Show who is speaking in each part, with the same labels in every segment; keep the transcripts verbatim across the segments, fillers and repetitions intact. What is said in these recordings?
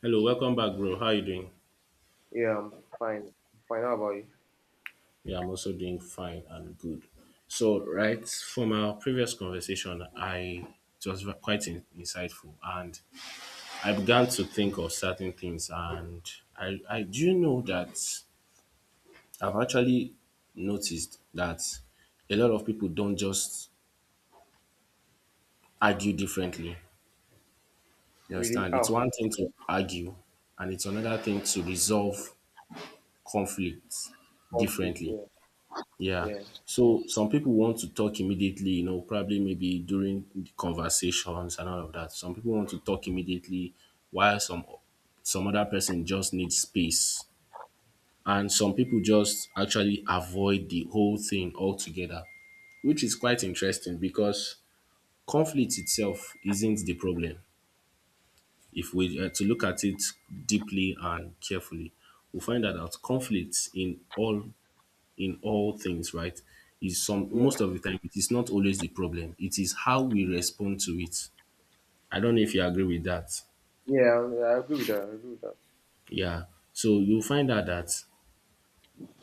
Speaker 1: Hello, welcome back, bro. How you doing?
Speaker 2: Yeah, I'm fine. Fine. How about you?
Speaker 1: Yeah, I'm also doing fine and good. So, right from our previous conversation, I it was ve- quite in, insightful, and I began to think of certain things. And I, I do know that I've actually noticed that a lot of people don't just argue differently. You
Speaker 2: Really?
Speaker 1: understand? It's
Speaker 2: Oh,
Speaker 1: one thing to argue, and it's another thing to resolve conflicts
Speaker 2: conflict.
Speaker 1: differently.
Speaker 2: Yeah,
Speaker 1: Yeah.
Speaker 2: yeah,
Speaker 1: So some people want to talk immediately, you know, probably maybe during the conversations and all of that. Some people want to talk immediately while some some other person just needs space. And some people just actually avoid the whole thing altogether, which is quite interesting because conflict itself isn't the problem. If we uh, to look at it deeply and carefully, we find that out conflicts in all in all things, right? Is some
Speaker 2: yeah,
Speaker 1: most of the time it is not always the problem. It is how we respond to it. I don't know if you agree with that.
Speaker 2: yeah. I I agree with that. I agree with that.
Speaker 1: Yeah. So you'll find out that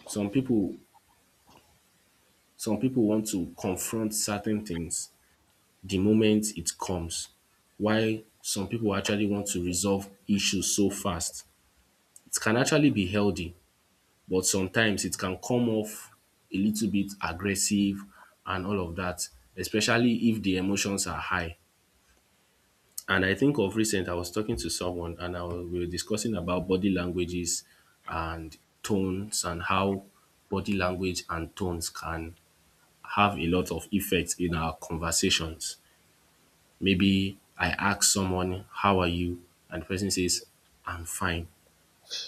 Speaker 1: some people some people want to confront certain things the moment it comes. Why some people actually want to resolve issues so fast. It can actually be healthy, but sometimes it can come off a little bit aggressive and all of that, especially if the emotions are high. And I think of recent, I was talking to someone and I was, we were discussing about body languages and tones and how body language and tones can have a lot of effect in our conversations. Maybe I ask someone, how are you? And the person says, I'm fine.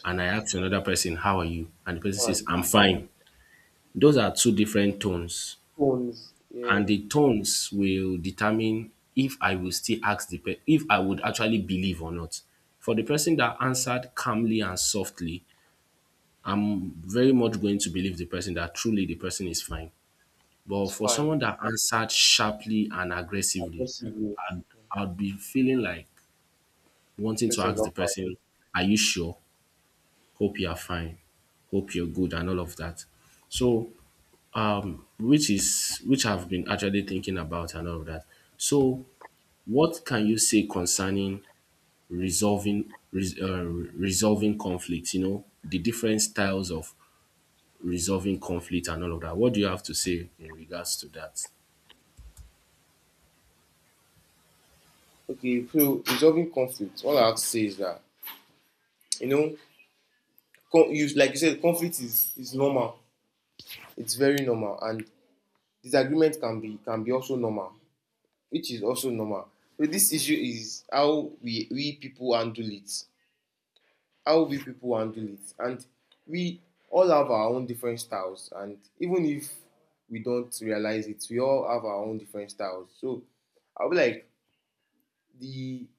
Speaker 1: And I ask another person, how are you? And the person says,
Speaker 2: Fine.
Speaker 1: I'm fine. Those are two different tones
Speaker 2: Tones.
Speaker 1: and
Speaker 2: Yeah,
Speaker 1: the tones will determine if I will still ask the person, if I would actually believe or not. For the person that answered calmly and softly, very much going to believe the person that truly the person is fine. But
Speaker 2: it's
Speaker 1: for
Speaker 2: fine.
Speaker 1: someone that answered sharply and aggressively,
Speaker 2: Aggressive. Yeah.
Speaker 1: I'd, I'd be feeling like wanting to
Speaker 2: Person is
Speaker 1: ask
Speaker 2: not
Speaker 1: the
Speaker 2: fine.
Speaker 1: person, are you sure? Hope you are fine. Hope you're good and all of that. So, um, which is which I've been actually thinking about and all of that. So what can you say concerning resolving res- uh, resolving conflict? You know, the different styles of resolving conflict and all of that. What do you have to say in regards to that?
Speaker 2: Okay. So resolving conflict. All I have to say is that you know, con- you like you said, conflict is is normal. It's very normal, and disagreement can be can be also normal, which is also normal. So this issue is how we we people handle it. How we people handle it. And we all have our own different styles, and even if we don't realize it, we all have our own different styles. So I'll be like the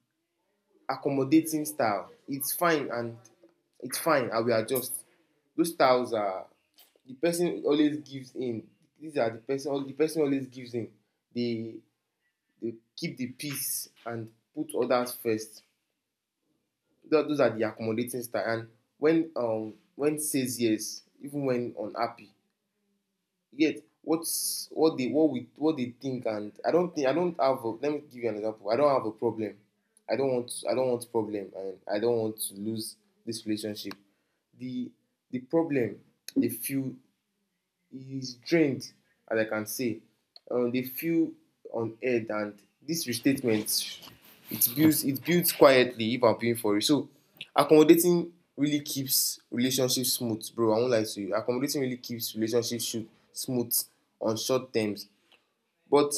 Speaker 2: accommodating style. It's fine and it's fine. I will adjust. Those styles are the person always gives in. These are the person the person always gives in. They they keep the peace and put others first. Tho- those are the accommodating style. And when um when says yes, even when unhappy, yet what's what they what we what they think and I don't think I don't have a, let me give you an example. I don't have a problem. I don't want I don't want problem and I don't want to lose this relationship. The the problem they feel is drained, as I can say. Um, they feel unheard, and this restatement it builds it builds quietly if I'm paying for it. So accommodating really keeps relationships smooth, bro. I won't lie to you. Accommodating really keeps relationships smooth on short terms, but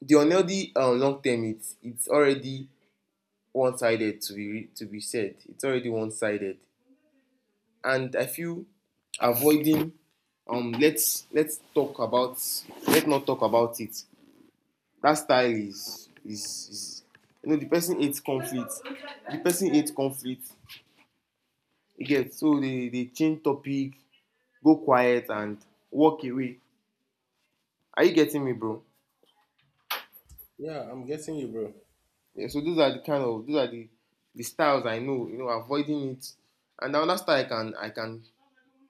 Speaker 2: the unhealthy um, long term it's it's already one sided to be to be said. It's already one sided. And I feel avoiding, um let's let's talk about, let's not talk about it. That style is is, is you know the person hates conflict. The person hates conflict. You get so they they change topic, go quiet and walk away. Are you getting me, bro?
Speaker 1: Yeah, I'm getting you, bro.
Speaker 2: Yeah, so those are the kind of those are the the styles I know, you know, avoiding it. And the another style I can I can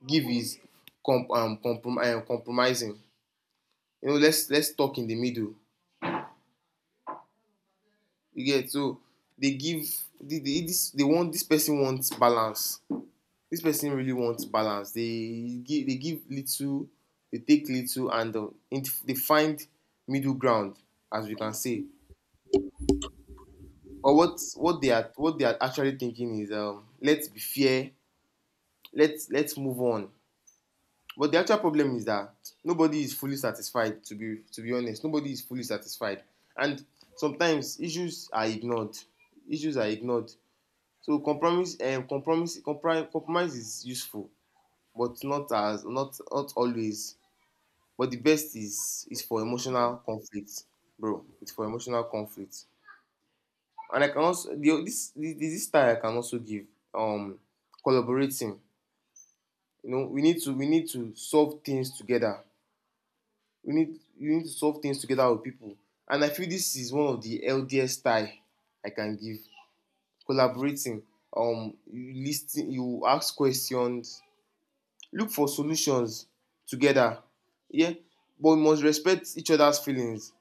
Speaker 2: give is comp, um, comprom- um, compromising. You know, let's let's talk in the middle. You get so they give the, the, this they want this person wants balance, this person really wants balance. They give they give little, they take little and um, int- they find middle ground, as we can say. Or what what they are what they are actually thinking is, um let's be fair, let's let's move on. But the actual problem is that nobody is fully satisfied, to be to be honest, nobody is fully satisfied. And sometimes issues are ignored, issues are ignored. So compromise, um compromise compri compromise is useful, but not as not not always. But the best is is for emotional conflict, bro. It's for emotional conflict. And I can also the this the this style I can also give, um collaborating. You know, we need to we need to solve things together. We need You need to solve things together with people. And I feel this is one of the healthiest style I can give, collaborating. um you lis you ask questions, look for solutions together. Yeah. But we must respect each other's feelings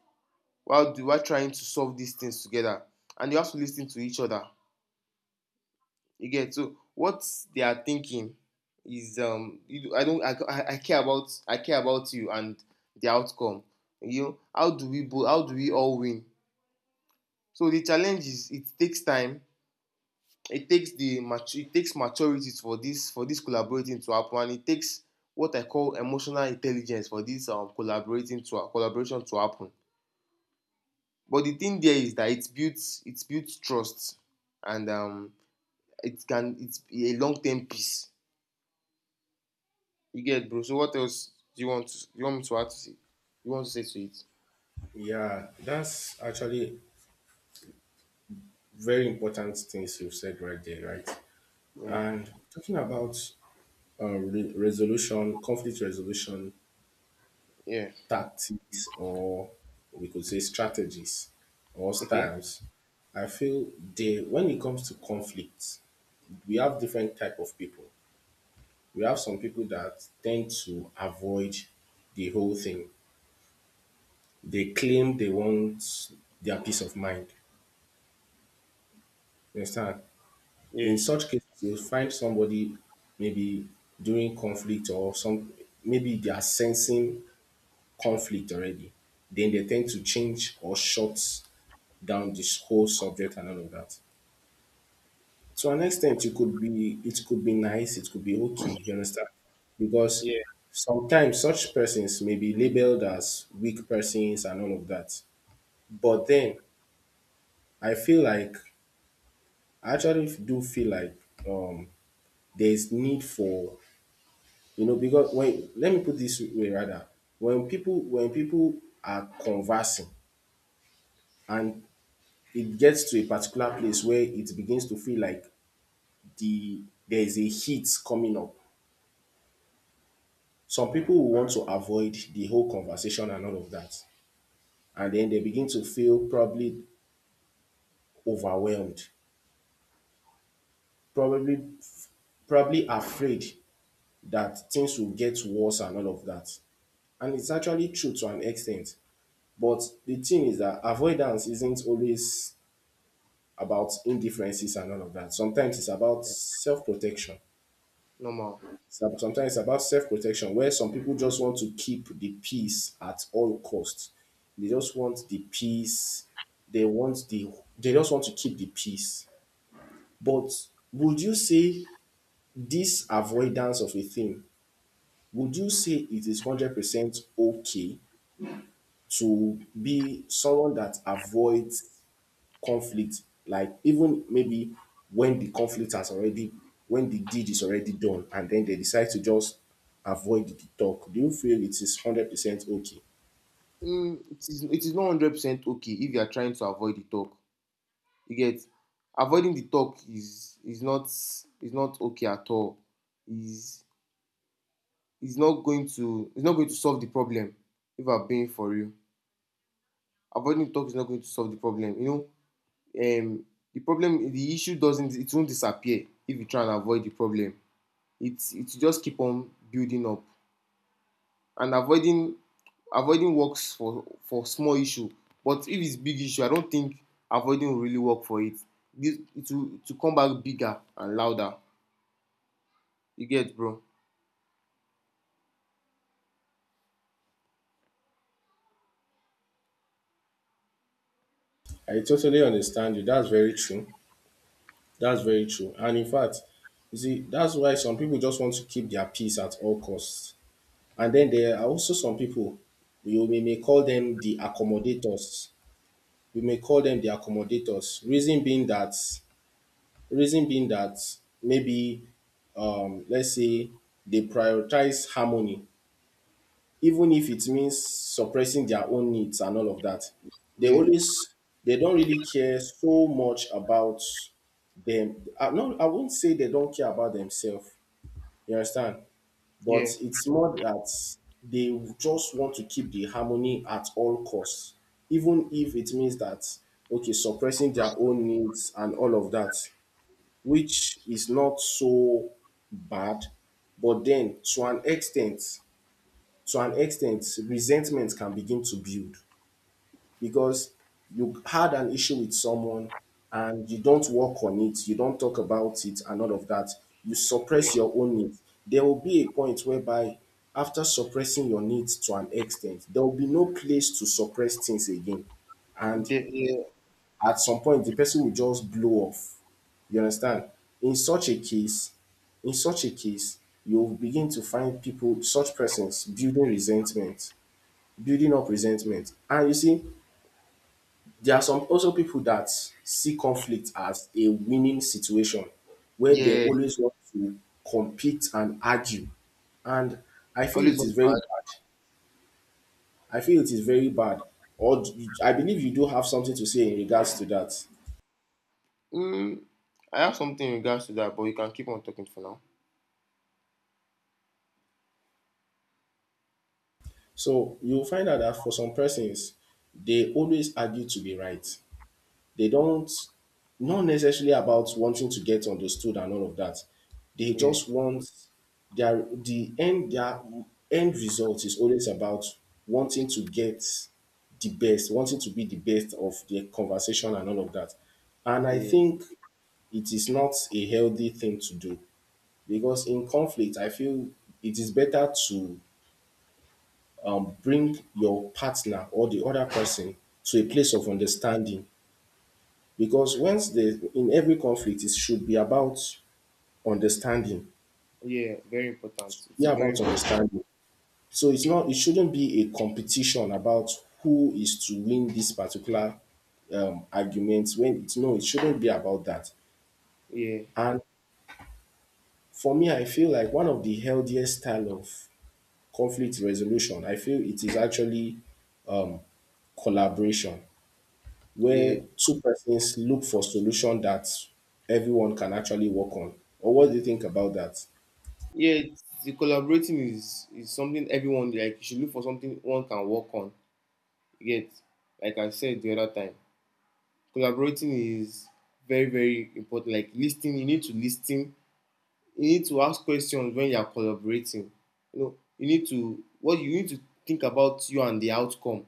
Speaker 2: while do while trying to solve these things together. And you have to lis ten to each other. You get so what they are thinking is, um you I don't i i care about, I care about you and the outcome. You know, how do we both, how do we all win. So the challenge is, it takes time. It takes the matu- it takes maturity for this, for this collaborating to happen. And it takes what I call emotional intelligence for this um, collaborating to collaboration to happen. But the thing there is that it builds it builds trust. And um it can, it's a long-term peace. You get, bro? So what else do you want to, you want me to add to say, you want to say to it?
Speaker 1: Yeah, that's actually very important things you've said right there, right?
Speaker 2: yeah
Speaker 1: And talking about uh, re- resolution, conflict resolution
Speaker 2: yeah
Speaker 1: tactics, or we could say strategies or
Speaker 2: Okay.
Speaker 1: styles, I feel they when it comes to conflict, we have different type of people. We have some people that tend to avoid the whole thing. They claim they want their peace of mind. You understand?
Speaker 2: yeah
Speaker 1: In such cases, you'll find somebody maybe during conflict or some maybe they are sensing conflict already. Then they tend to change or shut down this whole subject and all of that. To an extent, it could be it could be nice, it could be okay, you understand? Because
Speaker 2: yeah
Speaker 1: sometimes such persons may be labeled as weak persons and all of that. But then I feel like I actually do feel like um there's need for you know because when let me put this way rather when people when people are conversing and it gets to a particular place where it begins to feel like the there is a heat coming up. Some people will want to avoid the whole conversation and all of that, and then they begin to feel probably overwhelmed, probably probably afraid that things will get worse and all of that. And it's actually true to an extent. But the thing is that avoidance isn't always about indifferences and all of that. Sometimes it's about self protection.
Speaker 2: Normal.
Speaker 1: Some- Sometimes it's about self-protection, where some people just want to keep the peace at all costs. They just want the peace. They want the. They just want to keep the peace. But would you say this avoidance of a thing? Would you say it is hundred percent okay to be someone that avoids conflict like even maybe when the conflict has already when the deed is already done and then they decide to just avoid the talk, do you feel it is one hundred percent okay?
Speaker 2: Mm, it is, it is not one hundred percent okay if you are trying to avoid the talk. You get? Avoiding the talk is is not is not okay at all. Is is not going to, it's not going to solve the problem, if I'm being for real. Avoiding talk is not going to solve the problem. You know, um, the problem, the issue doesn't, it won't disappear if you try and avoid the problem. It's, it will just keep on building up. And avoiding avoiding works for for small issue. But if it's big issue, I don't think avoiding will really work for it. This, it will it will come back bigger and louder. You get, bro?
Speaker 1: I totally understand you, that's very true, that's very true, and in fact, you see that's why some people just want to keep their peace at all costs. And then there are also some people, you we may call them the accommodators, we may call them the accommodators reason being that Reason being that maybe, um, let's say they prioritize harmony, even if it means suppressing their own needs and all of that. They
Speaker 2: Yeah,
Speaker 1: always, they don't really care so much about them. I, no, I won't say they don't care about themselves. You understand? But
Speaker 2: yeah,
Speaker 1: it's more that they just want to keep the harmony at all costs, even if it means that okay, suppressing their own needs and all of that, which is not so bad. But then to an extent, to an extent, resentment can begin to build because you had an issue with someone and you don't work on it, you don't talk about it and all of that. You
Speaker 2: yeah,
Speaker 1: suppress your own needs. There will be a point whereby after suppressing your needs to an extent, there will be no place to suppress things again. And
Speaker 2: De- yeah,
Speaker 1: at some point, the person will just blow off, you understand? In such a case, in such a case, you'll begin to find people, such persons, building resentment, building up resentment. And you see, there are some also people that see conflict as a winning situation where they
Speaker 2: yeah.
Speaker 1: always want to compete and argue. And I feel
Speaker 2: Always
Speaker 1: it
Speaker 2: on
Speaker 1: is very
Speaker 2: track.
Speaker 1: bad. I feel it is very bad. Or d- I believe you do have something to say in regards to that.
Speaker 2: Mm, I have something in regards to that, but you can keep on talking for now.
Speaker 1: So you'll find out that for some persons, they always argue to be right. They don't, not necessarily about wanting to get understood and all of that. They
Speaker 2: Yeah,
Speaker 1: just want their the end their end result is always about wanting to get the best, wanting to be the best of their conversation and all of that. And I
Speaker 2: yeah,
Speaker 1: think it is not a healthy thing to do because in conflict, I feel it is better to um, bring your partner or the other person to a place of understanding because once the in every conflict it should be about understanding.
Speaker 2: yeah. Very important. It's
Speaker 1: Yeah,
Speaker 2: very,
Speaker 1: about
Speaker 2: very
Speaker 1: understanding. So it's not it shouldn't be a competition about who is to win this particular um, argument when it's no, it shouldn't be about that.
Speaker 2: yeah,
Speaker 1: And for me, I feel like one of the healthiest style of conflict resolution, I feel it is actually um, collaboration, where
Speaker 2: yeah,
Speaker 1: two persons look for solution that everyone can actually work on. Or what do you think about that?
Speaker 2: yeah. It's, the collaborating is is something everyone like. You should look for something one can work on. You get, like I said the other time, collaborating is very, very important. Like listening, you need to listen, you need to ask questions when you are collaborating. You know, you need to what you need to think about, you and the outcome.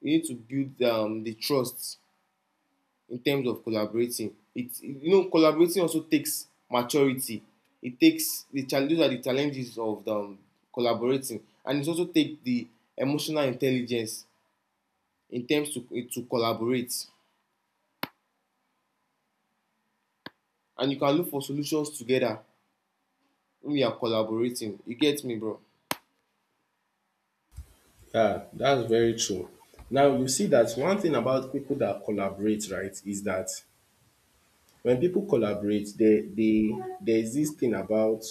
Speaker 2: You need to build um, the trust in terms of collaborating. It, you know, collaborating also takes maturity. It takes, the challenges are the challenges of the, um, collaborating, and it also take the emotional intelligence in terms to to collaborate. And you can look for solutions together when you are collaborating. You get me, bro?
Speaker 1: Yeah, that's very true. Now you see that one thing about people that collaborate, right, is that when people collaborate, they they there's this thing about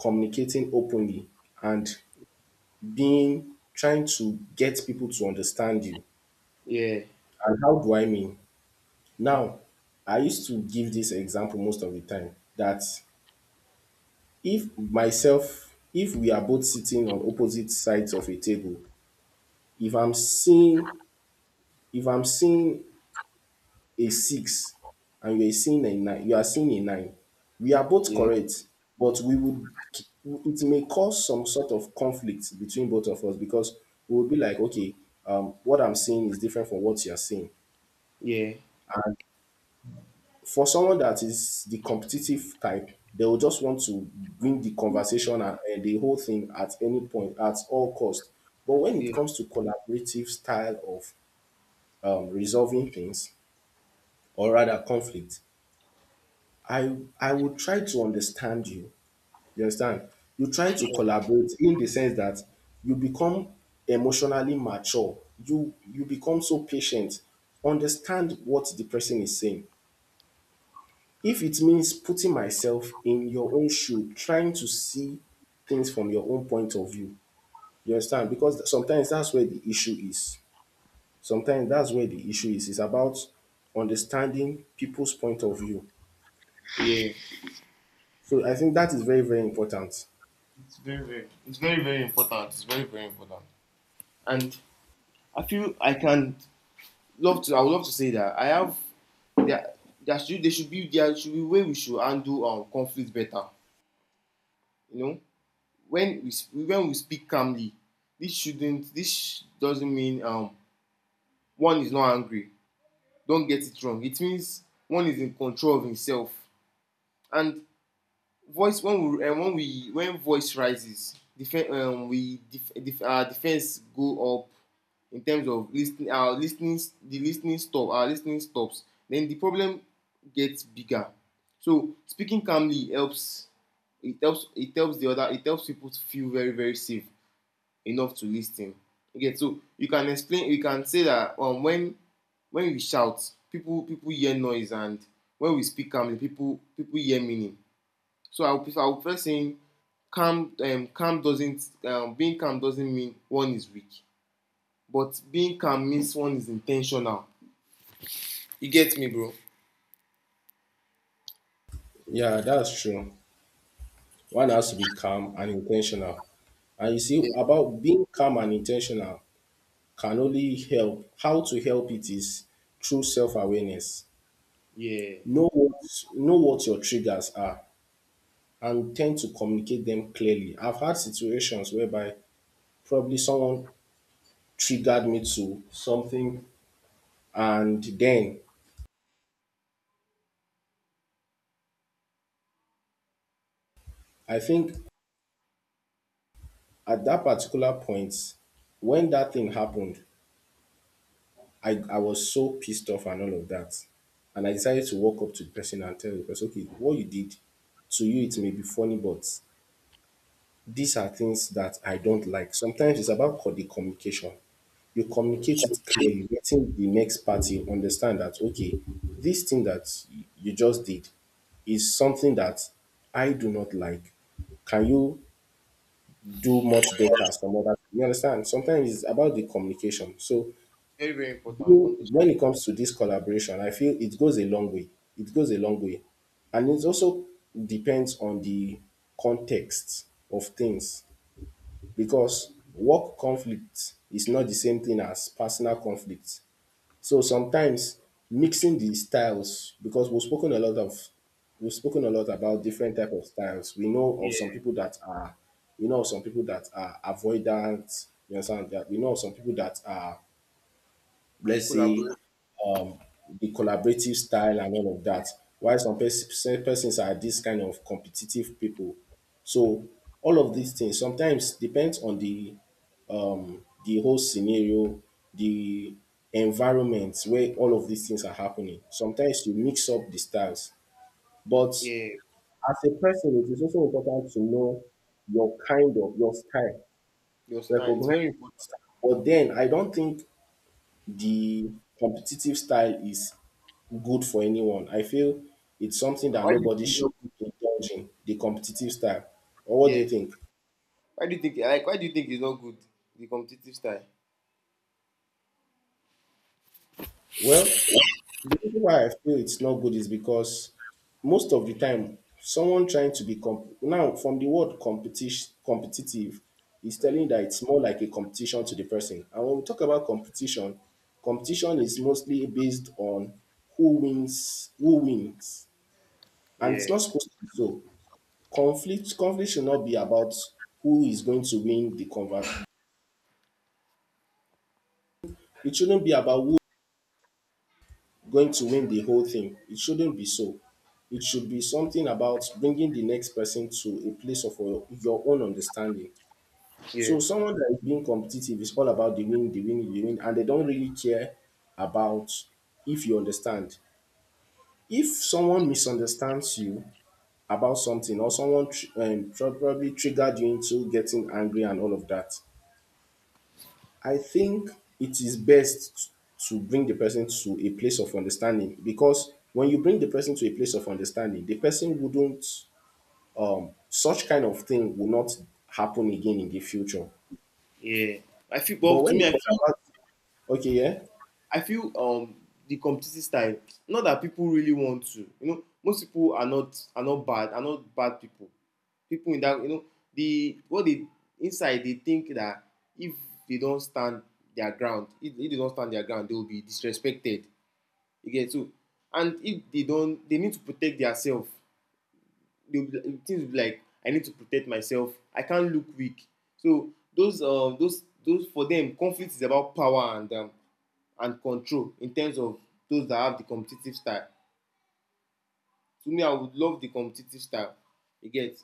Speaker 1: communicating openly and being trying to get people to understand you.
Speaker 2: Yeah,
Speaker 1: And how do I mean? Now, I used to give this example most of the time that if myself, if we are both sitting on opposite sides of a table, if I'm seeing if I'm seeing a six and you're seeing a nine, you are seeing a nine, we are both
Speaker 2: yeah,
Speaker 1: correct, but we would it may cause some sort of conflict between both of us because we will be like, okay, um, what I'm seeing is different from what you're seeing.
Speaker 2: yeah,
Speaker 1: And for someone that is the competitive type, they will just want to win the conversation and, and the whole thing at any point, at all cost. But when it
Speaker 2: yeah,
Speaker 1: comes to collaborative style of um, resolving things, or rather conflict, I I would try to understand you. You understand? You try to collaborate in the sense that you become emotionally mature. You you become so patient. Understand what the person is saying. If it means putting myself in your own shoe, trying to see things from your own point of view. You understand? Because sometimes that's where the issue is. Sometimes that's where the issue is. It's about understanding people's point of view.
Speaker 2: yeah.
Speaker 1: So I think that is very, very important.
Speaker 2: It's very, very, it's very, very important. It's very, very important. And I feel I can love to. I would love to say that I have there. There should there should be there should be way we should handle um conflict better. You know, when we sp- when we speak calmly, this shouldn't this doesn't mean um one is not angry. Don't get it wrong. It means one is in control of himself. And voice when we uh, when we when voice rises, defen um, we def def our defense go up in terms of listening, our listening the listening stop our listening stops. Then the problem gets bigger. So speaking calmly helps. It helps it helps the other, it helps people to feel very very safe enough to listen. Okay, so you can explain, you can say that um when when we shout, people people hear noise, and when we speak calmly, people people hear meaning. So I'll prefer, I'll prefer saying calm, um, calm doesn't, um, being calm doesn't mean one is weak, but being calm means one is intentional. You get me, bro?
Speaker 1: Yeah, that's true. One has to be calm and intentional. And you see,
Speaker 2: Yeah.
Speaker 1: about being calm and intentional can only help. How to help it is through self-awareness.
Speaker 2: Yeah.
Speaker 1: Know what know what your triggers are and tend to communicate them clearly. I've had situations whereby probably someone triggered me to something and then I think at that particular point when that thing happened, I, I was so pissed off and all of that. And I decided to walk up to the person and tell the person, okay, what you did, to you it may be funny, but these are things that I don't like. Sometimes it's about co- the communication. You communicate it clearly, letting the next party understand that, okay, this thing that y- you just did is something that I do not like. Can you do much better some other? You understand? Sometimes it's about the communication. So
Speaker 2: Very, very important.
Speaker 1: you,
Speaker 2: Communication.
Speaker 1: when it comes to this collaboration, I feel it goes a long way. It goes a long way. And it also depends on the context of things because work conflict is not the same thing as personal conflict. So sometimes mixing the styles, because we've spoken a lot of we've spoken a lot about different type of styles. We know of
Speaker 2: Yeah.
Speaker 1: some people that are we know of some people that are avoidant, you understand that we know of some people that are let's say
Speaker 2: Collaborate.
Speaker 1: um, the collaborative style and all of that. While some pers- some persons are this kind of competitive people. So all of these things sometimes depends on the um, the whole scenario, the environment where all of these things are happening. Sometimes you mix up the styles. But
Speaker 2: Yeah.
Speaker 1: as a person, it is also important to know your kind of your style.
Speaker 2: Your style. It's
Speaker 1: Recognize
Speaker 2: very important.
Speaker 1: your style. But then I don't think the competitive style is good for anyone. I feel it's something that
Speaker 2: Why do you
Speaker 1: nobody
Speaker 2: think it's
Speaker 1: should
Speaker 2: not good?
Speaker 1: indulge in, the competitive style. Or what do you
Speaker 2: Yeah.
Speaker 1: think?
Speaker 2: Why do you think, like, why do you think it's not good? The competitive style.
Speaker 1: Well, the reason why I feel it's not good is because most of the time, someone trying to be comp- now from the word competition, competitive, is telling
Speaker 2: Mhm.
Speaker 1: that it's more like a competition to the person. And when we talk about competition, competition is mostly based on who wins, who wins, and it's
Speaker 2: Yeah.
Speaker 1: not supposed to be so. Conflict conflict should not be about who is going to win the conversation. It shouldn't be about who is going to win the whole thing. It shouldn't be so. It should be something about bringing the next person to a place of your, your own understanding.
Speaker 2: Yeah.
Speaker 1: So someone that is being competitive is all about the win, the win, the win, and they don't really care about if you understand. If someone misunderstands you about something or someone tr- um, probably triggered you into getting angry and all of that, I think it is best to bring the person to a place of understanding because when you bring the person to a place of understanding, the person wouldn't, um, such kind of thing will not happen again in the future.
Speaker 2: Yeah. I feel,
Speaker 1: But
Speaker 2: but to
Speaker 1: when
Speaker 2: me, I
Speaker 1: it's
Speaker 2: feel,
Speaker 1: about, okay, yeah,
Speaker 2: I feel um, the competitive style. Not that people really want to. You know, most people are not are not bad. Are not bad people. People in that, you know, the what they inside they think that if they don't stand their ground, if, if they don't stand their ground, they will be disrespected. You get so, and if they don't, they need to protect themselves. They will be, things will be like I need to protect myself. I can't look weak. So those um uh, those those for them, conflict is about power and um, and control in terms of those that have the competitive style. To me, I would love the competitive style. You get?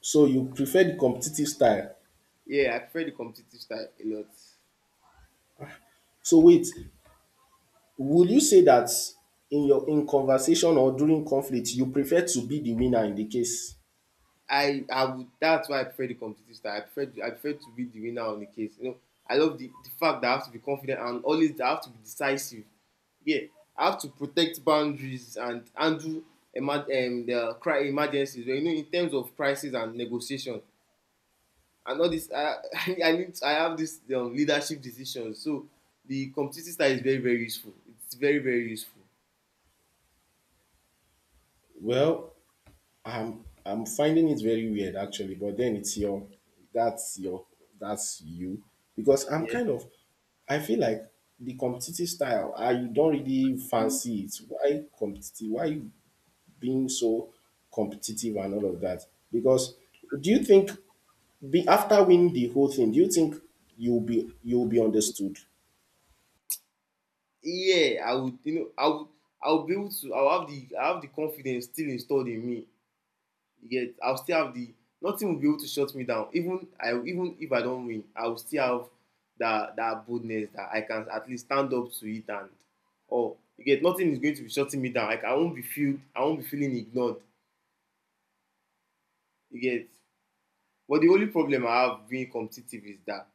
Speaker 1: so you prefer the competitive style.
Speaker 2: Yeah, I prefer the competitive style a lot.
Speaker 1: So wait, will you say that in your in conversation or during conflict, you prefer to be the winner in the case?
Speaker 2: I I would That's why I prefer the competitive style. I prefer to, I prefer to be the winner on the case. You know, I love the, the fact that I have to be confident and always I have to be decisive. Yeah, I have to protect boundaries and handle emer- um, the cri- emergencies. Well, you know, in terms of crisis and negotiation, and all this I I need, I have this um, leadership decisions. So the competitive style is very very useful, it's very very useful.
Speaker 1: Well, I'm I'm finding it very weird actually, but then it's your that's your that's you because I'm
Speaker 2: Yeah.
Speaker 1: kind of I feel like the competitive style I don't really fancy it. Why competitive? Why you being so competitive and all of that? Because do you think be, after winning the whole thing, do you think you'll be you'll be understood?
Speaker 2: Yeah, I would, you know I would, i would be able to, I would have the, I have the confidence still installed in me, yet I will still have the, nothing will be able to shut me down. Even I, even if I don win, I will still have that that boldness that I can at least stand up to it. And or you get, nothing is going to be shutting me down. Like I won't be feel, I won't be feeling ignored. You get? But the only problem I have being competitive is that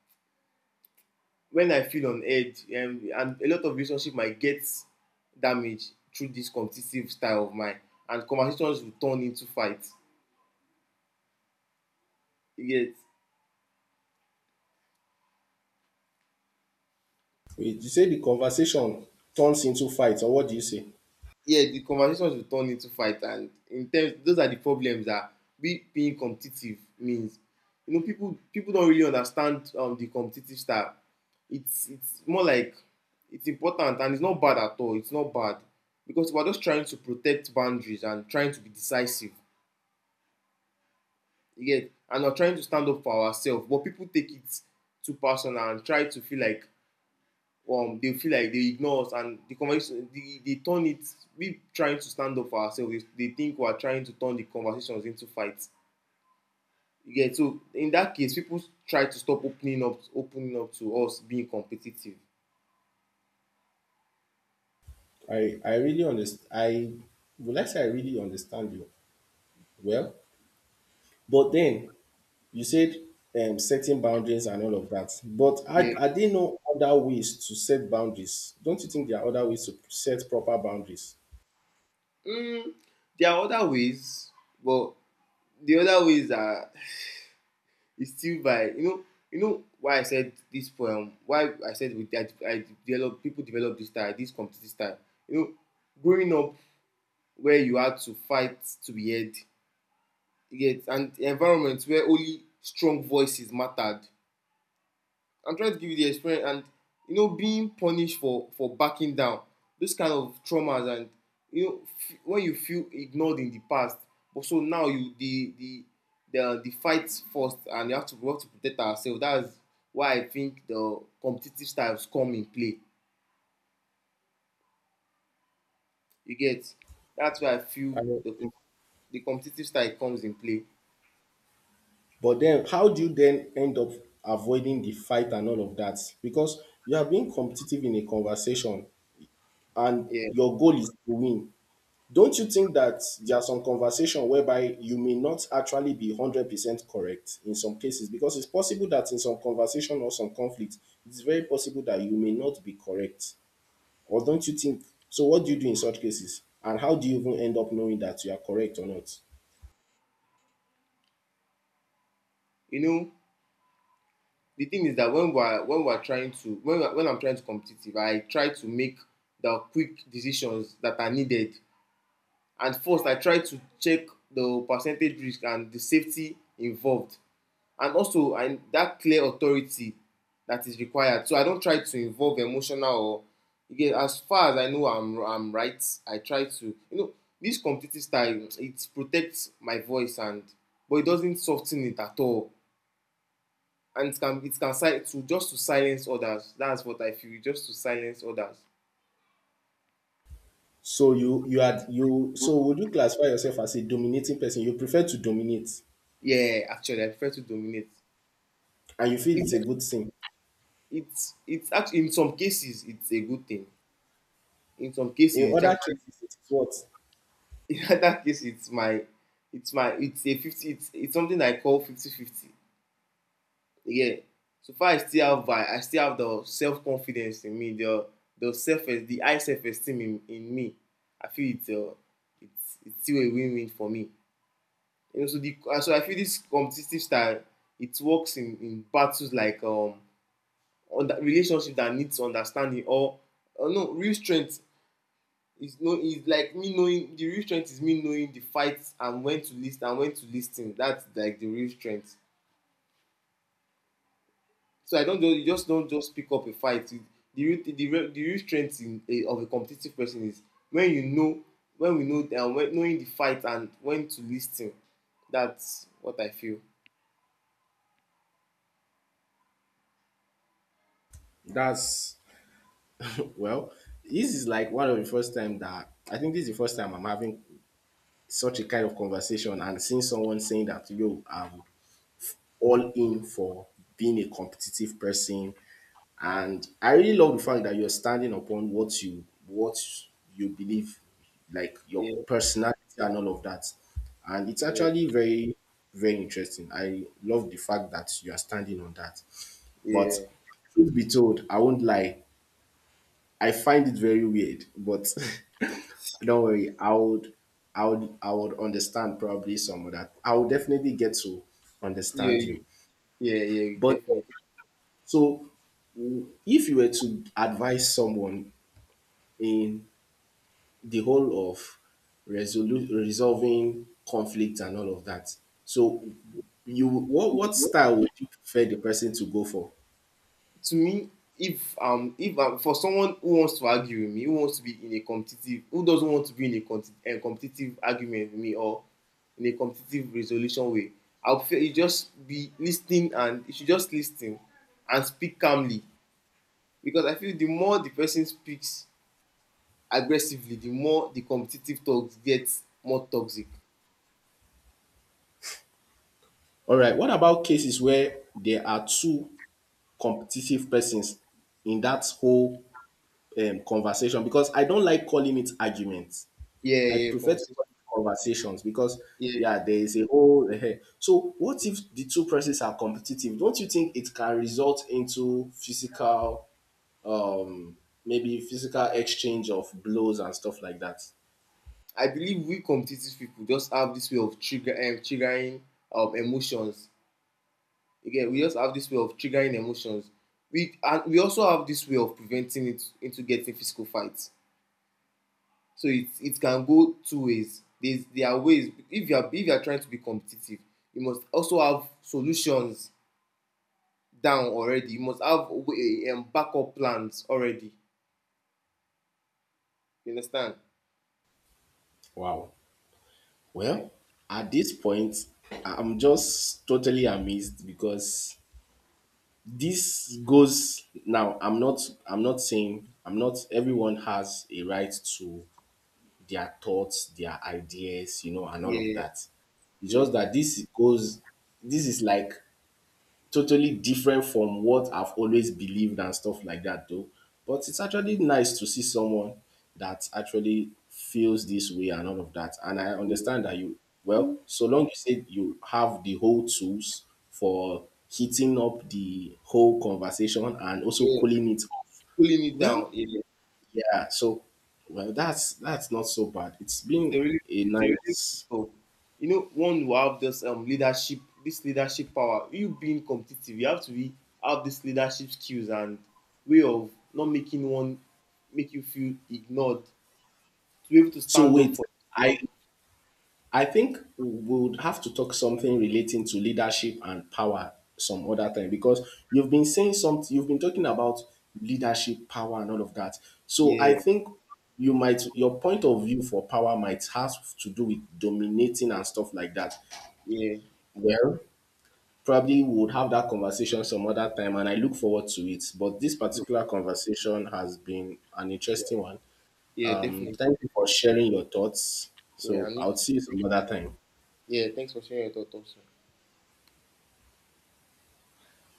Speaker 2: when I feel on edge, um, and a lot of relationship might get damaged through this competitive style of mine, and conversations will turn into fight. You get?
Speaker 1: Wait, you say the conversation turns into fights, or what do you say?
Speaker 2: Yeah, the conversations will turn into fight, and in terms, those are the problems that we being competitive means. You know, people people don't really understand um, the competitive style. It's it's more like it's important, and it's not bad at all. It's not bad because we're just trying to protect boundaries and trying to be decisive. You get, and we're trying to stand up for ourselves. But people take it too personal and try to feel like, um, they feel like they ignore us. And the conversation they, they turn it, we trying to stand up for ourselves, they, they think we are trying to turn the conversations into fights. Yeah. So in that case, people try to stop opening up opening up to us being competitive.
Speaker 1: I I really understand. I would like say I really understand you. Well, but then you said um, setting boundaries and all of that. But
Speaker 2: Yeah.
Speaker 1: I I didn't know other ways to set boundaries? Don't you think there are other ways to set proper boundaries?
Speaker 2: mm, there are other ways, but the other ways are is still by, you know you know why I said this poem, why I said with that I develop, people develop this style, this competitive style. You know, growing up where you had to fight to be heard. You get, and environments where only strong voices mattered. I'm trying to give you the experience and, you know, being punished for for backing down. Those kind of traumas, and you know, f- when you feel ignored in the past. But so now you, the the the uh, the fights first, and you have to work to protect ourselves. That's why I think the competitive styles come in play. You get, that's where I
Speaker 1: I
Speaker 2: feel
Speaker 1: know.
Speaker 2: the com- the competitive style comes in play.
Speaker 1: But then, how do you then end up avoiding the fight and all of that? Because you are being competitive in a conversation and
Speaker 2: Yeah,
Speaker 1: your goal is to win. Don't you think that there are some conversation whereby you may not actually be one hundred percent correct in some cases because it's possible that in some conversation or some conflict it's very possible that you may not be correct, or don't you think so? What do you do in such cases and how do you even end up knowing that you are correct or not?
Speaker 2: you know the thing is that when we're when we're trying to, when when I'm trying to competitive, I try to make the quick decisions that are needed. And first, I try to check the percentage risk and the safety involved, and also and that clear authority that is required. So I don't try to involve emotional, or again, as far as I know, I'm I'm right. I try to, you know this competitive style, it protects my voice and, but it doesn't soften it at all. And it can it can si- to just to silence others. That's what I feel. Just to silence others.
Speaker 1: So you you had you so would you classify yourself as a dominating person? You prefer to dominate
Speaker 2: Yeah, actually, I prefer to dominate.
Speaker 1: and you feel it's a
Speaker 2: It,
Speaker 1: good thing
Speaker 2: it's it's actually, in some cases, it's a good thing. In some cases,
Speaker 1: in
Speaker 2: it's
Speaker 1: other
Speaker 2: actually
Speaker 1: cases? It is what?
Speaker 2: in other case it's my, it's my it's a fifty. It's it's something I call fifty fifty. Yeah. So far, I still have vi- I still have the self confidence in me. The the self, the high self esteem in, in me. I feel it's uh, it's it's still a win win for me. You know, so the uh, so I feel this competitive style, it works in in battles like, um on the relationship that needs understanding. Or uh, no real strength is no, is like me knowing, the real strength is me knowing the fights and when to list and when to listen. That's like the real strength. So I don't just, you just don't just pick up a fight. It- the real, the real the real strength in a, of a competitive person is when you know when we know and when, knowing the fight and when to listen. That's what I feel.
Speaker 1: That's Well, this is like one of the first time that I think this is the first time I'm having such a kind of conversation and seeing someone saying that yo, I'm all in for being a competitive person. And I really love the fact that you're standing upon what you what you believe, like your
Speaker 2: Yeah,
Speaker 1: personality and all of that. And it's
Speaker 2: yeah,
Speaker 1: actually very, very interesting. I love the fact that you are standing on that. But
Speaker 2: yeah.
Speaker 1: truth be told, I won't lie. I find it very weird, but don't worry. I would, I would, I would understand probably some of that. I would definitely get to
Speaker 2: Yeah,
Speaker 1: understand you.
Speaker 2: you, yeah, yeah, you
Speaker 1: But
Speaker 2: definitely.
Speaker 1: so, w- if you were to advise someone in the whole of resolu- resolving conflict and all of that, so you what what
Speaker 2: So,
Speaker 1: style would you prefer the person to go for?
Speaker 2: to me, if um, if um, for someone who wants to argue with me, who wants to be in a competitive, who doesn't want to be in a, con- a competitive argument with me or in a competitive resolution way, I'll feel you just be listening, and you should just listen and speak calmly, because I feel the more the person speaks aggressively, the more the competitive talks gets more toxic.
Speaker 1: All right. What about cases where there are two competitive persons in that whole um, conversation, because I don't like calling it arguments.
Speaker 2: Yeah,
Speaker 1: I
Speaker 2: yeah,
Speaker 1: prefer to
Speaker 2: conversation.
Speaker 1: call it conversations because
Speaker 2: Yeah.
Speaker 1: yeah, there is a whole. Eh, so what if the two persons are competitive? Don't you think it can result into physical, um, maybe physical exchange of blows and stuff like that?
Speaker 2: I believe we competitive people just have this way of trigger um, triggering, um, emotions. Again, we just have this way of triggering emotions. We, and we also have this way of preventing it into getting physical fights. So it it can go two ways. There's, there are ways. If you are, if you are trying to be competitive, you must also have solutions down already. You must have way, um, backup plans already. You understand?
Speaker 1: Wow.
Speaker 2: Yeah,
Speaker 1: Well, at this point, I'm just totally amazed because this goes now. I'm not. I'm not saying. I'm not. Everyone has a right to their thoughts, their ideas, you know, and all of
Speaker 2: yeah,
Speaker 1: that. It's
Speaker 2: yeah,
Speaker 1: just that this goes, this is like totally different from what I've always believed and stuff like that, though. But it's actually nice to see someone that actually feels this way and all of that. And I
Speaker 2: yeah.
Speaker 1: understand that you, well, so long you say you have the whole tools for heating up the whole conversation and also
Speaker 2: Yeah.
Speaker 1: cooling it off,
Speaker 2: Pulling it
Speaker 1: well,
Speaker 2: down. Yeah.
Speaker 1: yeah, so well that's that's not so bad. It's
Speaker 2: It's a
Speaker 1: been
Speaker 2: really,
Speaker 1: a
Speaker 2: it's a really good
Speaker 1: nice.
Speaker 2: stuff. You know, one will have this um leadership, this leadership power. You being competitive, you have to be, have this leadership skills and way of not making one make you feel ignored. To be able to
Speaker 1: So
Speaker 2: stand up
Speaker 1: wait,
Speaker 2: for
Speaker 1: I
Speaker 2: yourself.
Speaker 1: I think we would have to talk something relating to leadership and power some other time because you've been saying something you've been talking about leadership, power and all of that. So I
Speaker 2: Yeah,
Speaker 1: think you might your point of view for power might have to do with dominating and stuff like that.
Speaker 2: yeah,
Speaker 1: Well, probably we would have that conversation some other time and I look forward to it. But this
Speaker 2: true.
Speaker 1: particular conversation has been an
Speaker 2: Yeah,
Speaker 1: interesting one.
Speaker 2: yeah,
Speaker 1: Um,
Speaker 2: definitely.
Speaker 1: Thank you for sharing your thoughts.
Speaker 2: Yeah, I
Speaker 1: So
Speaker 2: need.
Speaker 1: I'll see you some other time.
Speaker 2: Yeah, thanks for sharing your thoughts. Also.